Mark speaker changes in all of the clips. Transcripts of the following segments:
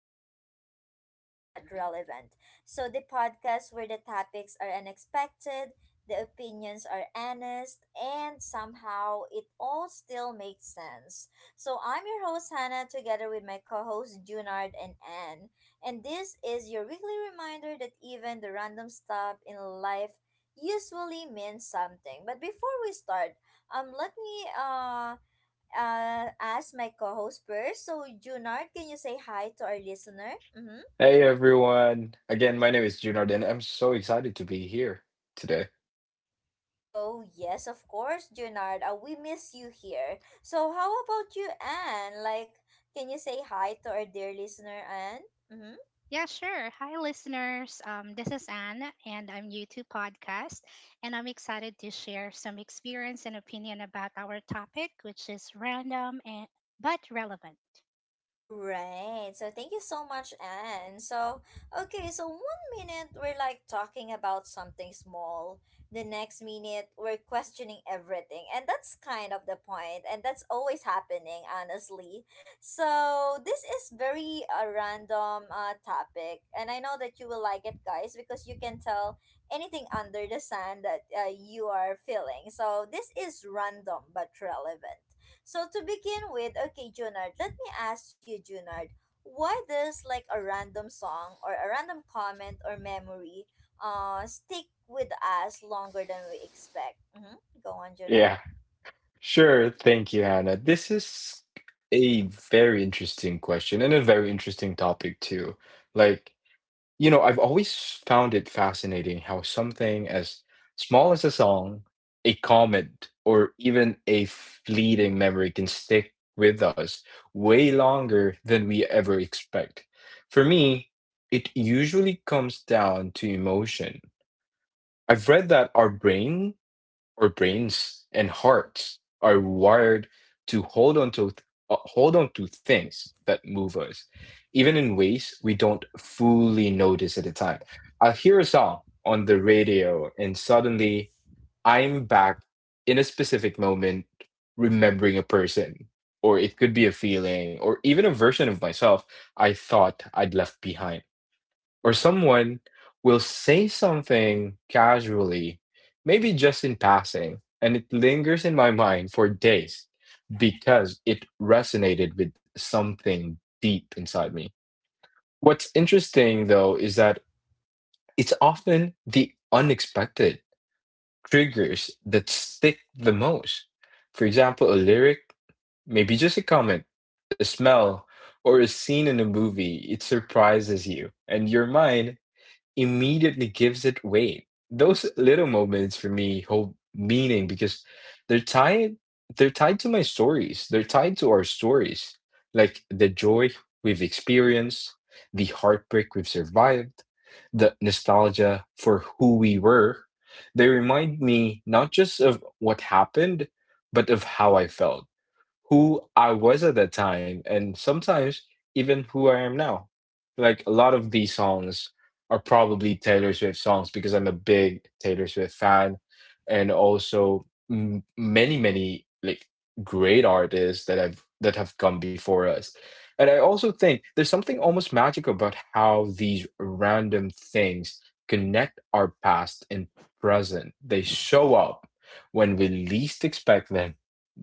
Speaker 1: Welcome to Random but Relevant. So, the podcast where the topics are unexpected, the opinions are honest, and somehow it all still makes sense. So, I'm your host, Hannah, together with my co hosts, Junard and Anne. And this is your weekly reminder that even the random stuff in life usually means something. But before we start, let me as my co-host first. So, Junard, can you say hi to our listener? Mm-hmm.
Speaker 2: Hey everyone. Again, my name is Junard and I'm so excited to be here today.
Speaker 1: Oh, yes, of course, Junard. We miss you here. So, how about you, Anne? Like, can you say hi to our dear listener, Anne? Mm-hmm.
Speaker 3: Yeah, sure. Hi, listeners. This is Anne, and I'm new to podcast, and I'm excited to share some experience and opinion about our topic, which is random and but relevant.
Speaker 1: Right. So thank you so much, Anne. So, okay, so one minute we're like talking about something small, the next minute we're questioning everything. And that's kind of the point, and that's always happening, honestly. So, this is very a random topic, and I know that you will like it, guys, because you can tell anything under the sun that you are feeling. So, this is random but relevant. So to begin with, okay, Junard, let me ask you, Junard, why does like a random song or a random comment or memory stick with us longer than we expect? Mm-hmm. Go on, Junard.
Speaker 2: Yeah, sure. Thank you, Hannah. This is a very interesting question and a very interesting topic too. Like, you know, I've always found it fascinating how something as small as a song, a comment, or even a fleeting memory can stick with us way longer than we ever expect. For me, it usually comes down to emotion. I've read that our brains and hearts are wired to hold on to, hold on to things that move us, even in ways we don't fully notice at the time. I hear a song on the radio, and suddenly I'm back in a specific moment, remembering a person, or it could be a feeling, or even a version of myself I thought I'd left behind. Or someone will say something casually, maybe just in passing, and it lingers in my mind for days because it resonated with something deep inside me. What's interesting though is that it's often the unexpected triggers that stick the most. For example, a lyric, maybe just a comment, a smell, or a scene in a movie, it surprises you, and your mind immediately gives it weight. Those little moments for me hold meaning because they're tied they're tied to my stories. They're tied to our stories, like the joy we've experienced, the heartbreak we've survived, the nostalgia for who we were. They remind me not just of what happened, but of how I felt, who I was at that time, and sometimes even who I am now. Like, a lot of these songs are probably Taylor Swift songs because I'm a big Taylor Swift fan, and also m many, many like great artists that I've that have come before us. And I also think there's something almost magical about how these random things connect our past and present. They show up when we least expect them,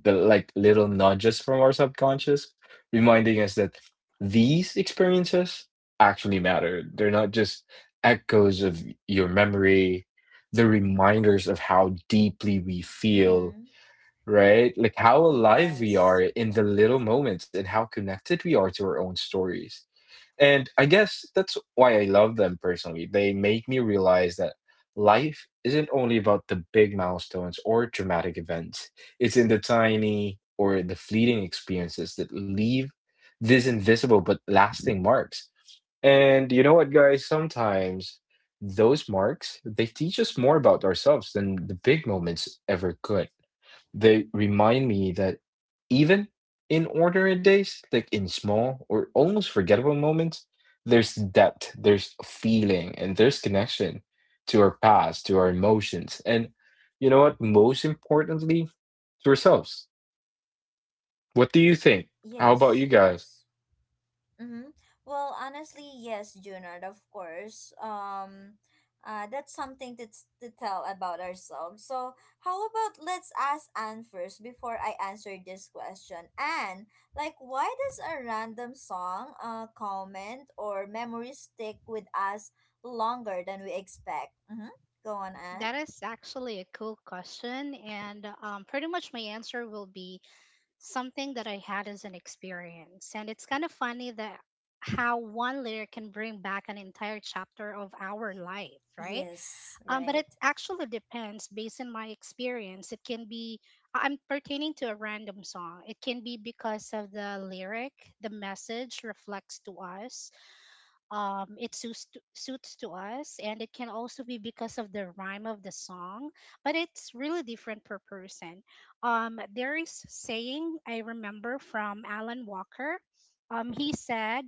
Speaker 2: the like little nudges from our subconscious, reminding us that these experiences actually matter. They're not just echoes of your memory, they're reminders of how deeply we feel,
Speaker 1: Mm-hmm.
Speaker 2: right? Like how alive we are
Speaker 1: Yes.
Speaker 2: in the little moments and how connected we are to our own stories. And I guess that's why I love them personally. They make me realize that life isn't only about the big milestones or dramatic events, it's in the tiny or the fleeting experiences that leave these invisible but lasting marks. And you know what, guys? Sometimes those marks, they teach us more about ourselves than the big moments ever could. They remind me that even in ordinary days, like in small or almost forgettable moments, there's depth, there's feeling, and there's connection to our past, to our emotions. And you know what? Most importantly, to ourselves. What do you think? How about you
Speaker 1: Yes,
Speaker 2: guys?
Speaker 1: yes. Mm-hmm. Well, honestly, yes, Junard, of course. That's something to, to tell about ourselves. So, how about let's ask Anne first before I answer this question. Anne, like, why does a random song, comment, or memory stick with us longer than we expect? Mm-hmm. Go on, Anne.
Speaker 3: That is actually a cool question, and pretty much my answer will be something that I had as an experience. And it's kind of funny that how one layer can bring back an entire chapter of our life, right?
Speaker 1: Yes,
Speaker 3: But it
Speaker 1: right.
Speaker 3: actually depends based on my experience. It can be, I'm pertaining to a random song. It can be because of the lyric, the message reflects to us it suits to, suits to us, and it can also be because of the rhyme of the song, but it's really different per person. There is saying I remember from Alan Walker. He said,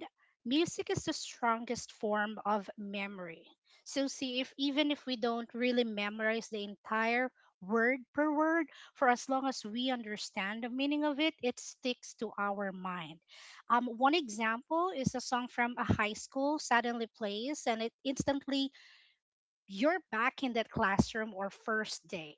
Speaker 3: "Music is the strongest form of memory." So see if even if we don't really memorize the entire word per word, for as long as we understand the meaning of it, it sticks to our mind. One example is a song from a high school suddenly plays, and it instantly you're back in that classroom or first day.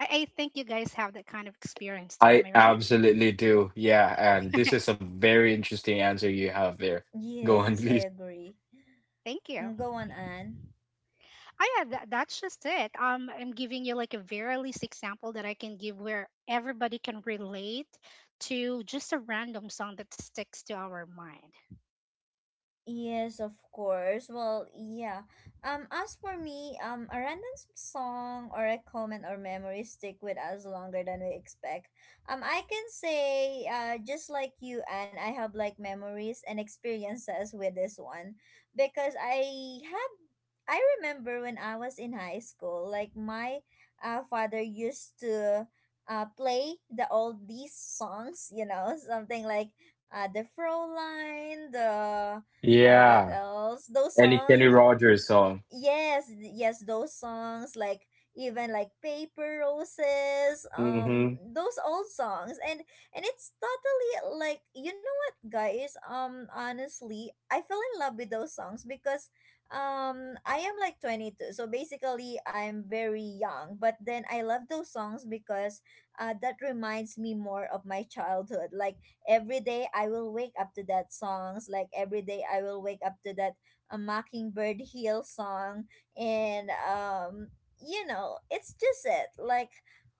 Speaker 3: I think you guys have that kind of experience too. Am
Speaker 2: I
Speaker 3: I right?
Speaker 2: absolutely do. Yeah, and this is a very interesting answer you have there. Go on,
Speaker 1: Yes, I
Speaker 2: please.
Speaker 1: agree.
Speaker 3: Thank you.
Speaker 1: Mm, go on, Anne.
Speaker 3: Oh yeah, that's just it. I'm giving you like a very least example that I can give where everybody can relate to just a random song that sticks to our mind.
Speaker 1: Yes, of course. Well, yeah. As for me, a random song or a comment or memory stick with us longer than we expect. I can say, just like you, and I have like memories and experiences with this one, because I remember when I was in high school, like my, father used to. Play the all these songs, something like the Fraulein, the what
Speaker 2: Yeah.
Speaker 1: else? Those
Speaker 2: Any Kenny
Speaker 1: song,
Speaker 2: Rogers song.
Speaker 1: yes, yes those songs like even like paper roses,
Speaker 2: Mm-hmm.
Speaker 1: those old songs, and it's totally like, you know what, guys, honestly I fell in love with those songs because I am like 22, so basically I'm very young, but then I love those songs because that reminds me more of my childhood. Like every day I will wake up to that songs, like every day I will wake up to that a Mockingbird Hill song, and it's just it. Like,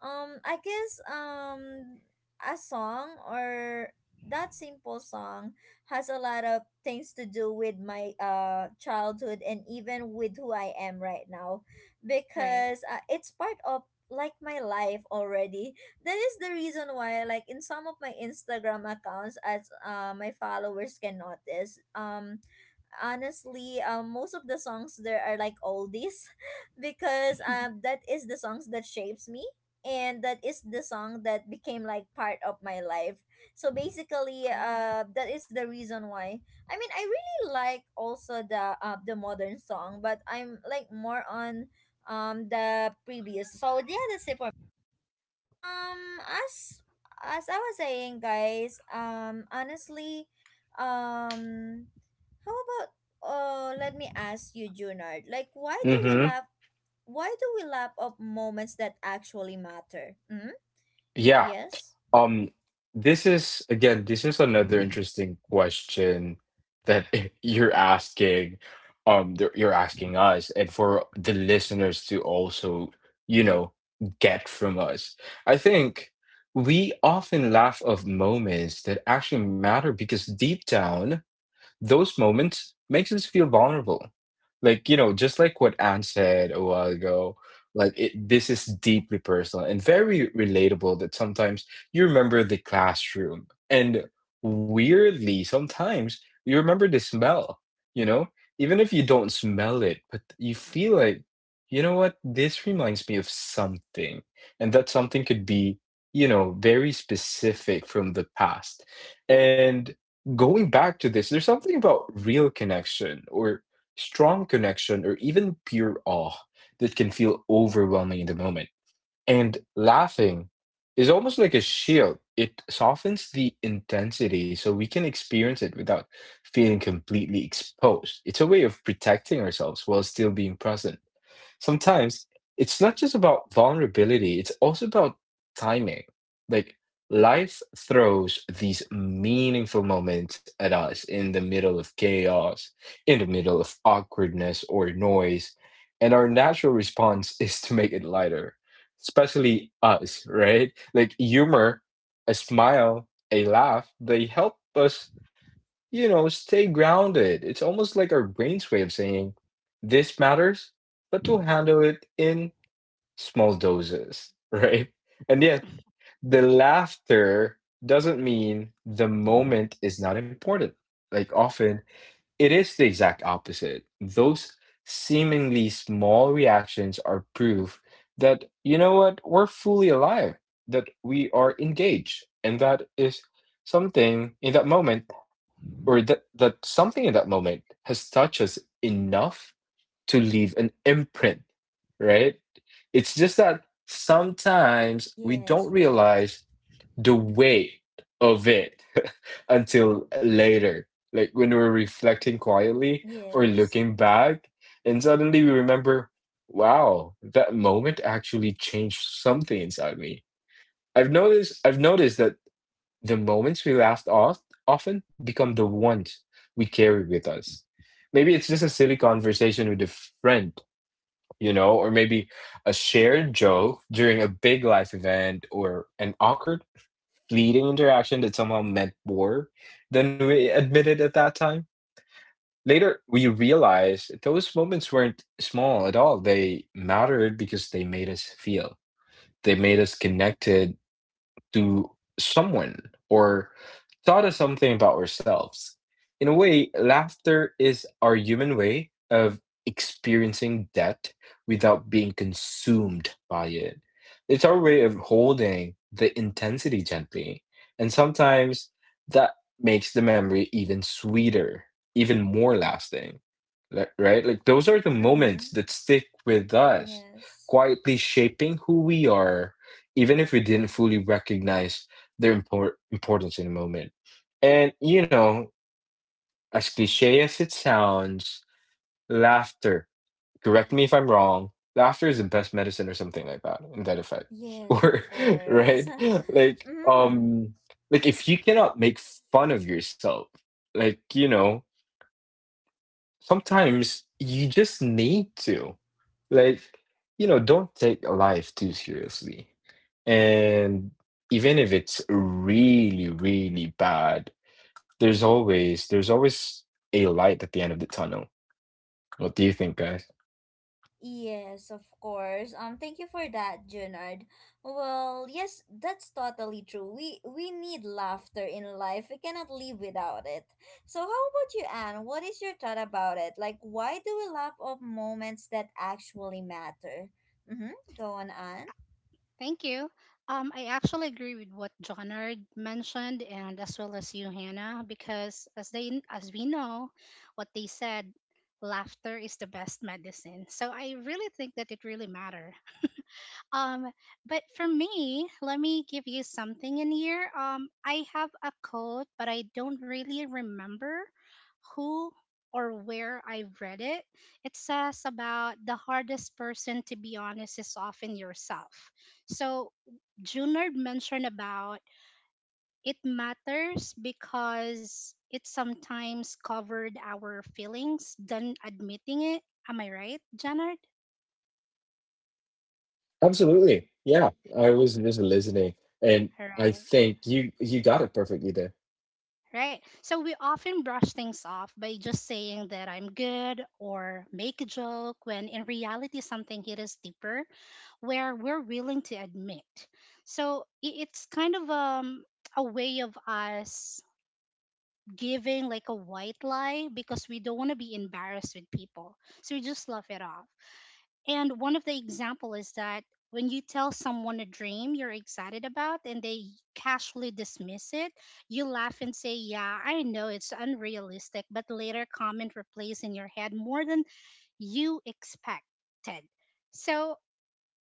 Speaker 1: I guess a song or that simple song has a lot of things to do with my childhood and even with who I am right now
Speaker 3: Right.
Speaker 1: because it's part of like my life already. That is the reason why, like in some of my Instagram accounts, as my followers can notice, honestly, most of the songs there are like oldies because that is the songs that shapes me and that is the song that became like part of my life. So basically
Speaker 3: Cool.
Speaker 1: that is the reason why I mean I really like also the modern song, but I'm like more on the previous. So yeah, that's it for. Um, as as I was saying, guys, honestly, um, how about let me ask you, Junard, like, why do we
Speaker 2: Mm-hmm.
Speaker 1: laugh? Why do we laugh of moments that actually matter? Hmm.
Speaker 2: Yeah.
Speaker 1: Yes.
Speaker 2: Um, this is again, this is another interesting question that you're asking, that you're asking us, and for the listeners to also, you know, get from us. I think we often laugh of moments that actually matter because deep down those moments makes us feel vulnerable, like, you know, just like what Anne said a while ago. Like it, this is deeply personal and very relatable, that sometimes you remember the classroom and weirdly sometimes you remember the smell, you know, even if you don't smell it, but you feel like, you know what, this reminds me of something. And that something could be, you know, very specific from the past. And going back to this, there's something about real connection or strong connection or even pure awe that can feel overwhelming in the moment. And laughing is almost like a shield, it softens the intensity so we can experience it without feeling completely exposed. It's a way of protecting ourselves while still being present. Sometimes it's not just about vulnerability, it's also about timing. Like, life throws these meaningful moments at us in the middle of chaos, in the middle of awkwardness or noise, and our natural response is to make it lighter, especially us, right? Like humor, a smile, a laugh, they help us, you know, stay grounded. It's almost like our brain's way of saying this matters, but we'll handle it in small doses, right? And yet, the laughter doesn't mean the moment is not important. Like, often it is the exact opposite. Those seemingly small reactions are proof that, you know what, we're fully alive, that we are engaged. And that is something in that moment or that something in that moment has touched us enough to leave an imprint, right? It's just that sometimes we don't
Speaker 1: Yes. Right.
Speaker 2: realize the weight of it until later, like when we're reflecting quietly or
Speaker 1: Yes.
Speaker 2: looking back, and suddenly we remember, wow, that moment actually changed something inside me. I've noticed that the moments we laughed off often become the ones we carry with us. Maybe it's just a silly conversation with a friend, you know, or maybe a shared joke during a big life event or an awkward, fleeting interaction that somehow meant more than we admitted at that time. Later, we realized those moments weren't small at all. They mattered because they made us feel, they made us connected, to someone or taught us something about ourselves. In a way, laughter is our human way of experiencing death without being consumed by it. It's our way of holding the intensity gently. And sometimes that makes the memory even sweeter, even more lasting. Right? Like those are the
Speaker 1: Mm-hmm.
Speaker 2: moments that stick with us,
Speaker 1: Yes.
Speaker 2: quietly shaping who we are even if we didn't fully recognize their importance in the moment. And you know, as cliche as it sounds, laughter. Correct me if I'm wrong. Laughter is the best medicine, or something like that, in that effect,
Speaker 1: Yes. Of
Speaker 2: or
Speaker 1: course.
Speaker 2: right? Like,
Speaker 1: Mm-hmm.
Speaker 2: um, like if you cannot make fun of yourself, like, you know, sometimes you just need to, like, you know, don't take life too seriously. And even if it's really really bad, there's always a light at the end of the tunnel. What do you think, guys?
Speaker 1: Yes, of course. Thank you for that, Junard. Well, yes, that's totally true. We need laughter in life. We cannot live without it. So how about you, Anne? What is your thought about it? Like, why do we laugh of moments that actually matter? Mm-hmm. Go on, Anne.
Speaker 3: Thank you. I actually agree with what John Ard mentioned, and as well as you, Hannah, because as we know, what they said, laughter is the best medicine. So I really think that it really matter um, but for me, let me give you something in here. I have a quote, but I don't really remember who or where I read it. It says about the hardest person to be honest is often yourself. So Junard mentioned about it matters because it sometimes covered our feelings than admitting it. Am I right, Junard?
Speaker 2: Absolutely, yeah. I was just listening, and
Speaker 3: All
Speaker 2: I
Speaker 3: right.
Speaker 2: think you got it perfectly there.
Speaker 3: Right? So we often brush things off by just saying that I'm good or make a joke when in reality something hit us deeper where we're willing to admit. So it's kind of a way of us giving like a white lie because we don't want to be embarrassed with people. So we just laugh it off. And one of the example is that when you tell someone a dream you're excited about and they casually dismiss it, you laugh and say, "Yeah, I know it's unrealistic," but later comment replays in your head more than you expected. So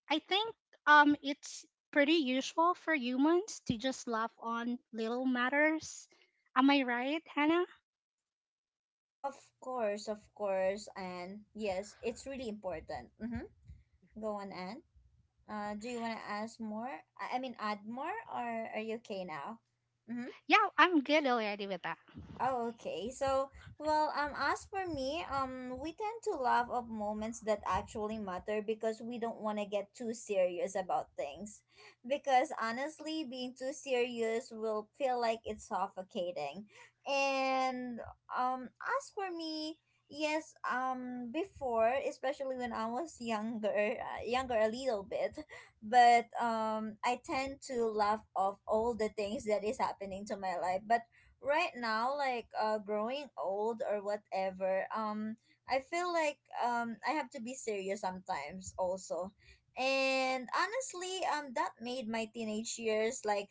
Speaker 3: I think it's pretty usual for humans to just laugh on little matters. Am I right, Hannah?
Speaker 1: Of of course, Anne. Yes, it's really important. Mm-hmm. Go on, Anne. Do you want to ask more? I mean, add more, or are you okay now? Mm-hmm.
Speaker 3: Yeah, I'm good already with that.
Speaker 1: Oh, okay. So, well, as for me, we tend to laugh of moments that actually matter because we don't want to get too serious about things. Because honestly, being too serious will feel like it's suffocating. And as for me, yes, before, especially when I was younger, younger a little bit, but I tend to laugh off all the things that is happening to my life, but right now, like growing old or whatever, I feel like I have to be serious sometimes also. And honestly, that made my teenage years like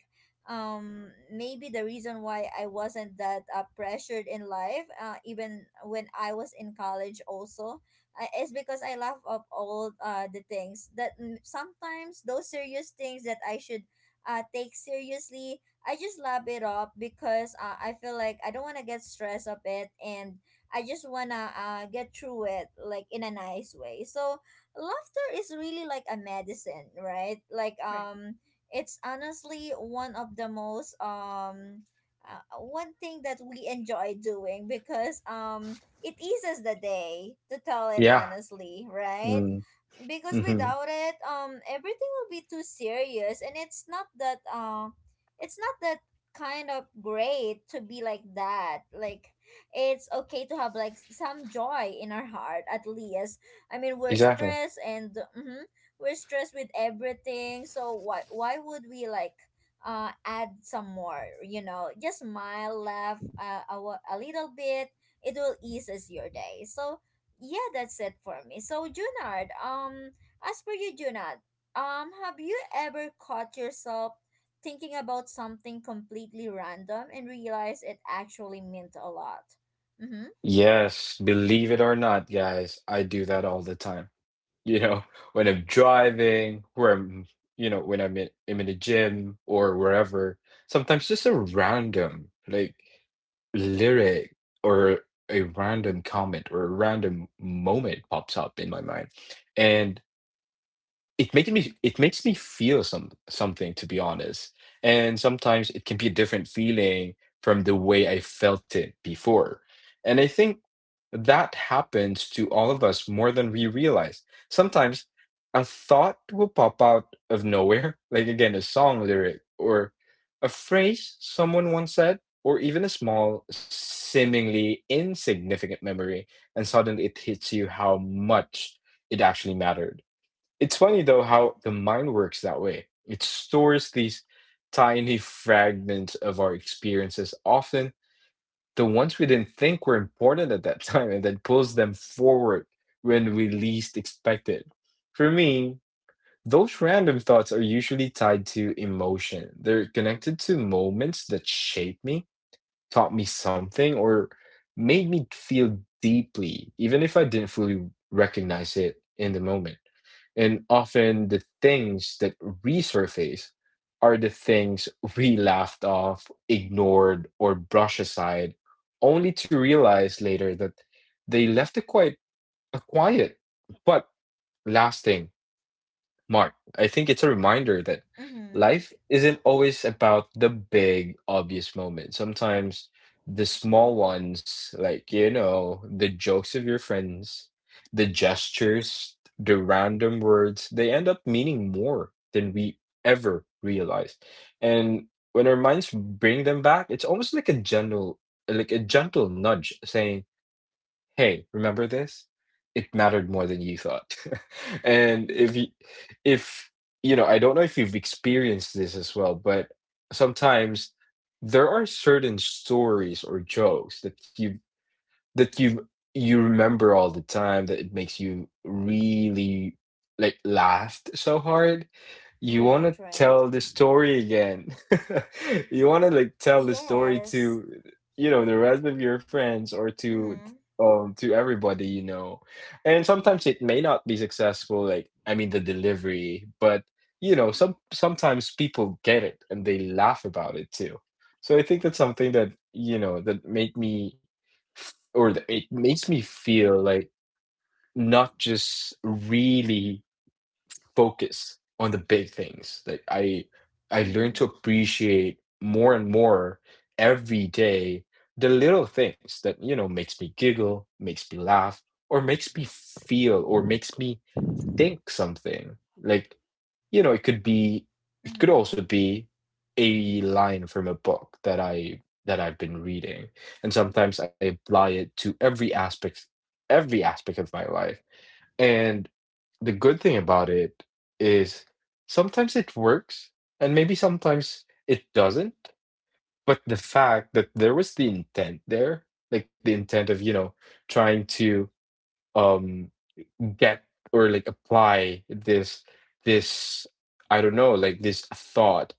Speaker 1: maybe the reason why I wasn't that pressured in life, even when I was in college also, is because I laugh up all the things that, sometimes those serious things that I should take seriously. I just lap it up because I feel like I don't want to get stressed of it, and I just want to get through it like in a nice way. So laughter is really like a medicine, right? Like
Speaker 3: Right.
Speaker 1: it's honestly one of the most, one thing that we enjoy doing because it eases the day to tell it
Speaker 2: Yeah.
Speaker 1: honestly, right?
Speaker 2: mm,
Speaker 1: Because
Speaker 2: hmm
Speaker 1: without it, everything will be too serious, and it's not that kind of great to be like that. Like it's okay to have like some joy in our heart at least. I mean, we're
Speaker 2: exactly.
Speaker 1: stressed, and we're stressed with everything, so why would we like add some more. Just smile, laugh a little bit. It will eases your day. So yeah, that's it for me. So, Junard, as for you, Junard, have you ever caught yourself thinking about something completely random and realize it actually meant a lot? Mm-hmm.
Speaker 2: Yes, believe it or not, guys, I do that all the time. You know, when I'm driving, where I'm, you know, when I'm in the gym or wherever. Sometimes just a random like lyric or a random comment or a random moment pops up in my mind, and it makes me feel something, to be honest. And sometimes it can be a different feeling from the way I felt it before. And I think that happens to all of us more than we realize. Sometimes a thought will pop out of nowhere, like, again, a song lyric or a phrase someone once said, or even a small, seemingly insignificant memory, and suddenly it hits you how much it actually mattered. It's funny though how the mind works that way. It stores these tiny fragments of our experiences, often the ones we didn't think were important at that time, and then pulls them forward when we least expect it. For me, those random thoughts are usually tied to emotion. They're connected to moments that shape me, taught me something, or made me feel deeply, even if I didn't fully recognize it in the moment. And often the things that resurface are the things we laughed off, ignored, or brushed aside, only to realize later that they left a quite a quiet but lasting mark. I think it's a reminder that
Speaker 1: Mm-hmm.
Speaker 2: life isn't always about the big, obvious moments. Sometimes the small ones, like, you know, the jokes of your friends, the gestures, the random words, they end up meaning more than we ever realized. And when our minds bring them back, it's almost like a gentle nudge saying, hey, remember this? It mattered more than you thought. And if you know, I don't know if you've experienced this as well, but sometimes there are certain stories or jokes that that you you remember all the time that it makes you really like laughed so hard you want
Speaker 1: Right,
Speaker 2: to
Speaker 1: right.
Speaker 2: tell the story again. You want to like tell the story
Speaker 1: Yes.
Speaker 2: to, you know, the rest of your friends or
Speaker 1: Mm-hmm.
Speaker 2: to everybody you know. And sometimes it may not be successful, like I mean the delivery, but you know, sometimes people get it and they laugh about it too. So I think that's something that, you know, that made me f- or that it makes me feel like not just really focus on the big things. Like I learned to
Speaker 1: Mm-hmm.
Speaker 2: appreciate more and more every day the little things that you know makes me giggle, makes me laugh, or makes me feel or makes me think something. Like, you know, it could
Speaker 1: Mm-hmm.
Speaker 2: also be a line from a book that I've been reading. And sometimes I apply it to every aspect of my life. And the good thing about it is sometimes it works and maybe sometimes it doesn't, but the fact that there was the intent there, like the intent of, you know, trying to um get or like apply this, I don't know, like this thought,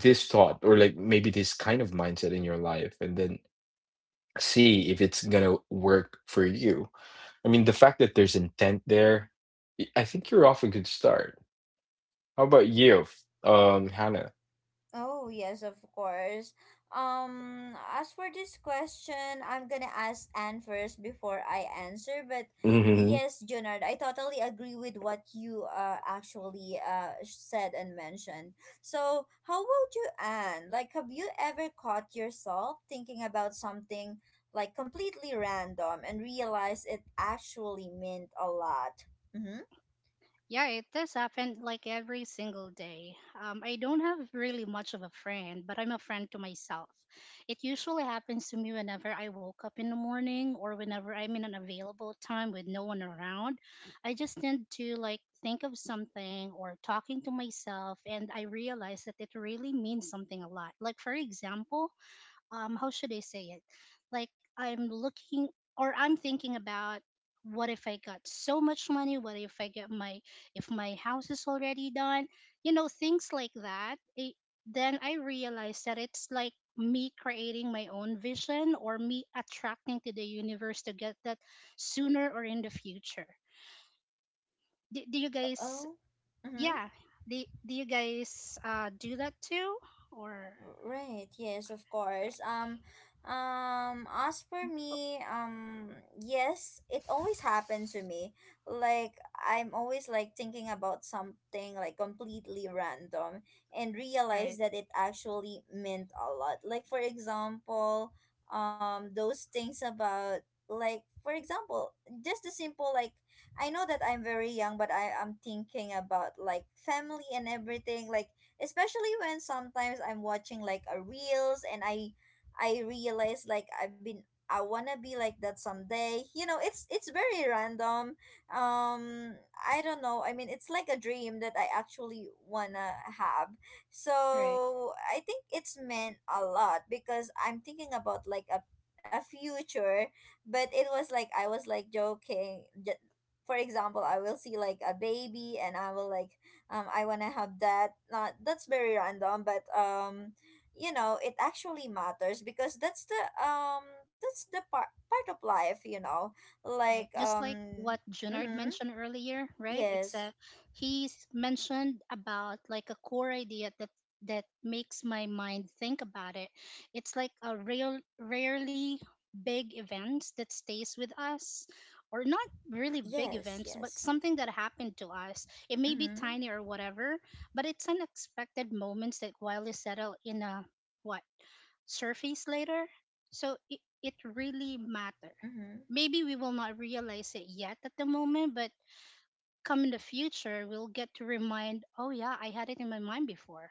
Speaker 2: or like maybe this kind of mindset in your life, and then see if it's gonna work for you. I mean, the fact that there's intent there, I think you're off a good start. How about you, Hannah?
Speaker 1: Oh, yes, of course. As for this question, I'm gonna ask Anne first before I answer. But
Speaker 2: hmm
Speaker 1: yes, Junard, I totally agree with what you actually said and mentioned. So, how about you, Anne? Like, have you ever caught yourself thinking about something like completely random and realized it actually meant a lot? Mm-hmm.
Speaker 3: Yeah, it does happen like every single day. I don't have really much of a friend, but I'm a friend to myself. It usually happens to me whenever I woke up in the morning or whenever I'm in an available time with no one around. I just tend to like think of something or talking to myself, and I realize that it really means something a lot. Like, for example, how should I say it? Like I'm looking or I'm thinking about what if I got so much money? What if I get my if my house is already done? You know, things like that. Then I realized that it's like me creating my own vision or me attracting to the universe to get that sooner or in the future. Do, do you guys
Speaker 1: Oh. Mm-hmm.
Speaker 3: yeah, do you guys do that too or
Speaker 1: Right, yes, of
Speaker 3: right
Speaker 1: course. As for me, yes, it always happened to me. Like I'm always like thinking about something like completely random and realize
Speaker 3: right
Speaker 1: that it actually meant a lot. Like for example, those things about, like for example, just the simple like, I know that I'm very young, but I am thinking about like family and everything, like especially when sometimes I'm watching like a reels and I realize, like I wanna be like that someday. You know, it's very random. Um I don't know. I mean it's like a dream that I actually wanna have.
Speaker 3: right
Speaker 1: So I think it's meant a lot because I'm thinking about like a future, but it was like I was like joking. For example, I will see like a baby and I will like, I want to have that, not that's very random, but it actually matters because that's the part of life, like,
Speaker 3: right? Just like what Junard
Speaker 1: mm-hmm,
Speaker 3: mentioned earlier, right? It's
Speaker 1: yes,
Speaker 3: a he's mentioned about like a core idea that makes my mind think about it. It's like a real rarely big events that stays with us or not really big
Speaker 1: yes,
Speaker 3: events but
Speaker 1: yes.
Speaker 3: something that happened to us, it may be
Speaker 1: Mm-hmm.
Speaker 3: tiny or whatever, but it's unexpected moments that quietly settle in a what surface later. So it really matter.
Speaker 1: Mm-hmm.
Speaker 3: Maybe we will not realize it yet at the moment, but come in the future, we'll get to remind, oh yeah, I had it in my mind before,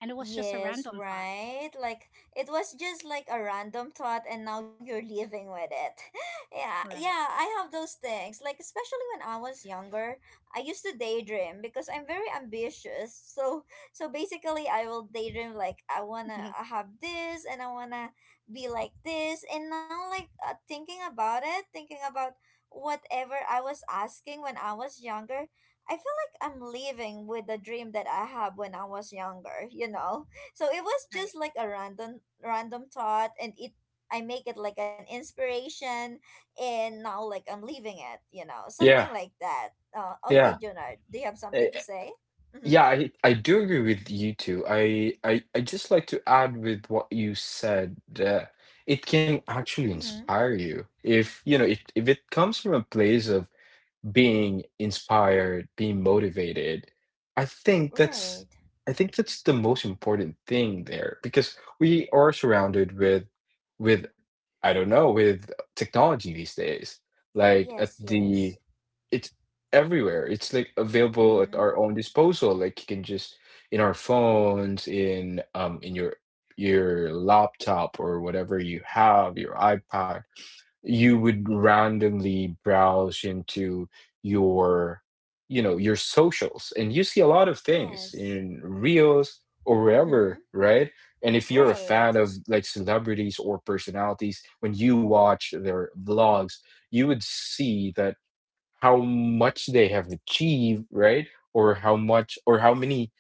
Speaker 3: and it was just a
Speaker 1: Yes,
Speaker 3: random thought.
Speaker 1: right? Like it was just like a random thought and now you're living with it. Yeah, yeah,
Speaker 3: Right.
Speaker 1: I have those things. Like especially when I was younger, I used to daydream because I'm very ambitious. So basically I will daydream like I want to have this and I want to be like this, and now like thinking about it, thinking about whatever I was asking when I was younger, I feel I'm living with the dream that I have when I was younger, you know? So it was
Speaker 3: Right,
Speaker 1: just like a random thought, and it I make it like an inspiration, and now like I'm living it, something
Speaker 2: Yeah,
Speaker 1: like that. Okay,
Speaker 2: yeah.
Speaker 1: Jonah, do you have something
Speaker 2: Eh,
Speaker 1: to say? Mm-hmm.
Speaker 2: yeah. I do agree with you too. I just like to add with what you said that it can actually
Speaker 1: Mm-hmm.
Speaker 2: inspire you, if you know it, if it comes from a place of being inspired, being motivated. I think
Speaker 1: Right.
Speaker 2: that's I think that's the most important thing there, because we are surrounded with with I don't know, with technology these days. Like at
Speaker 1: Yes,
Speaker 2: the
Speaker 1: yes.
Speaker 2: It's everywhere. It's like available at
Speaker 1: Mm-hmm.
Speaker 2: our own disposal. Like you can just, in our phones, in your laptop or whatever you have, your iPad, you would randomly browse into your, you know, your socials, and you see a lot of things
Speaker 1: Yes.
Speaker 2: in reels or
Speaker 1: Mm-hmm.
Speaker 2: wherever, right? And if you're a fan
Speaker 1: Right.
Speaker 2: of like celebrities or personalities, when you watch their vlogs, you would see that how much they have achieved, right? Or how much or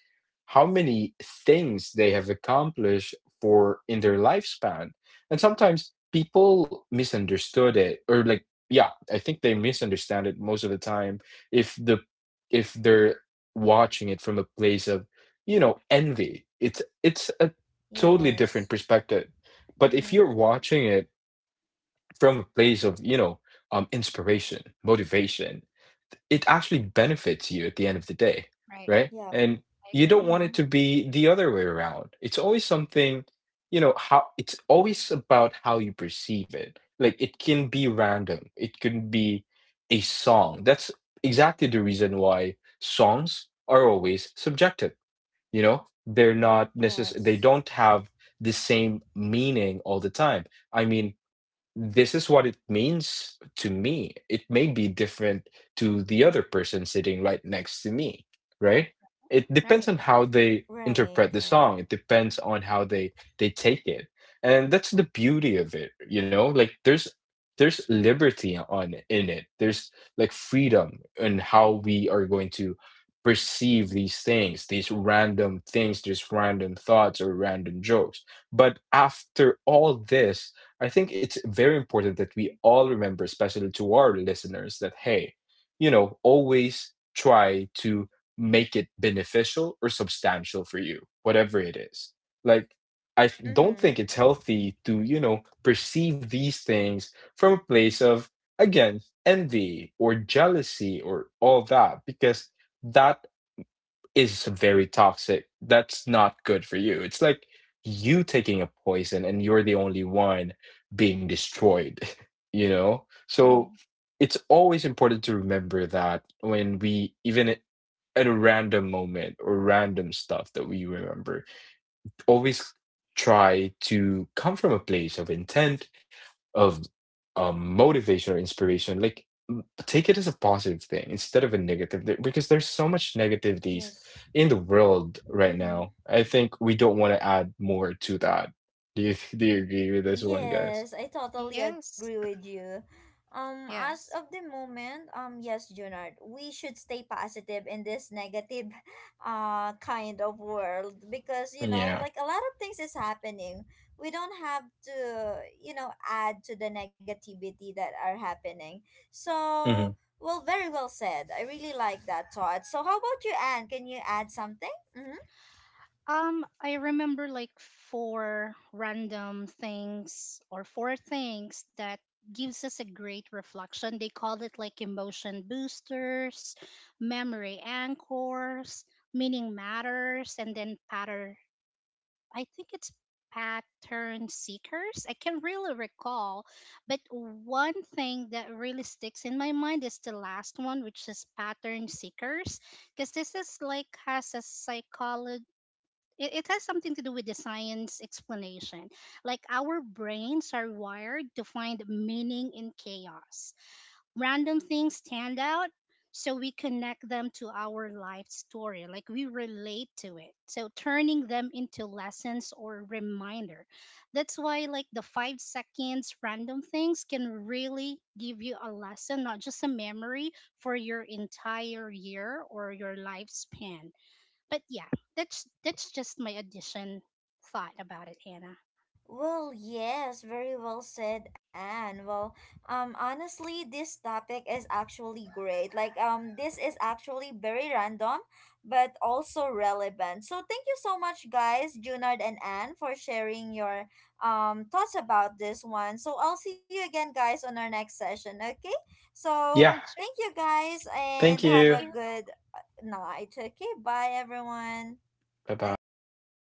Speaker 2: how many things they have accomplished for in their lifespan. And sometimes people misunderstood it, or like, yeah, I think they misunderstand it most of the time. if the if they're watching it from a place of, you know, envy, it's a totally different
Speaker 1: Yes.
Speaker 2: perspective. But if
Speaker 1: Mm-hmm.
Speaker 2: you're watching it from a place of, you know, inspiration, motivation, it actually benefits you at the end of the day,
Speaker 3: right.
Speaker 2: right?
Speaker 1: Yep.
Speaker 2: And
Speaker 3: I
Speaker 2: you don't
Speaker 3: agree.
Speaker 2: want
Speaker 1: Mm-hmm.
Speaker 2: it to be the other way around. It's always something, you know, how it's always about how you perceive it. Like it can be random. It can be a song. That's exactly the reason why songs are always subjective. You know, they're
Speaker 3: Right,
Speaker 2: not necess- they
Speaker 1: Yes.
Speaker 2: don't have the same meaning all the time. I mean, this is what it means to me. It may be different to the other person sitting right next to me, right? It depends
Speaker 3: right.
Speaker 2: on how they
Speaker 1: Right,
Speaker 2: interpret the
Speaker 1: right.
Speaker 2: song. It depends on how they take it. And that's the beauty of it, you know? Like there's liberty on in it. There's like freedom in how we are going to perceive these things, these random thoughts or random jokes. But after all this, I think it's very important that we all remember, especially to our listeners, that hey, you know, always try to make it beneficial or substantial for you, whatever it is. Like, don't think it's
Speaker 1: Mm-hmm.
Speaker 2: healthy to, you know, perceive these things from a place of, again, envy or jealousy or all that, because that is very toxic. That's not good for you. It's like you taking a poison and you're the only one being destroyed, you know? So
Speaker 3: Mhm.
Speaker 2: it's always important to remember that when we, even at a random moment or random stuff that we remember, always try to come from a place of intent of motivation or inspiration, like take it as a positive thing instead of a negative, because there's so much negativities
Speaker 1: Yes.
Speaker 2: in the world right
Speaker 1: Mm-hmm.
Speaker 2: now. I think we don't want to add more to that. Do you do you agree with this one, guys?
Speaker 1: Yes, I totally agree
Speaker 3: Yes,
Speaker 1: with you. As of
Speaker 3: yes.
Speaker 1: the moment, yes, Junard, we should stay positive in this negative, kind of world, because
Speaker 2: Yeah.
Speaker 1: like a lot of things is happening. We don't have to add to the negativity that are happening.
Speaker 2: Hmm.
Speaker 1: So, well, very well said. I really like that thought. So, how about you, Anne? Can you add something? Mm-hmm.
Speaker 3: I remember like four random things or four things that gives us a great reflection. They called it like emotion boosters, memory anchors, meaning matters, and then pattern. I think it's pattern seekers. I can really recall, but one thing that really sticks in my mind is the last one, which is pattern seekers because this is like has a psychology it has something to do with the science explanation. Like our brains are wired to find meaning in chaos. Random things stand out, so we connect them to our life story. Like we relate to it. So turning them into lessons or reminder. That's why, like, the 5 seconds random things can really give you a lesson, not just a memory for your entire year or your lifespan. But yeah, that's just my addition thought about it, Hannah.
Speaker 1: Well, yes, very well said, Anne. Well, honestly, this topic is actually great. Like, this is actually very random, but also relevant. So, thank you so much, guys, Junard and Anne, for sharing your thoughts about this one. So, I'll see you again, guys, on our next session. Okay, so
Speaker 2: Yeah.
Speaker 3: Yeah,
Speaker 1: thank
Speaker 3: sure.
Speaker 1: you, guys,
Speaker 2: Thank
Speaker 1: and
Speaker 3: Thank
Speaker 1: have
Speaker 2: you.
Speaker 1: a
Speaker 3: you.
Speaker 1: good night. Okay, bye, everyone.
Speaker 2: Bye bye.
Speaker 3: Bye.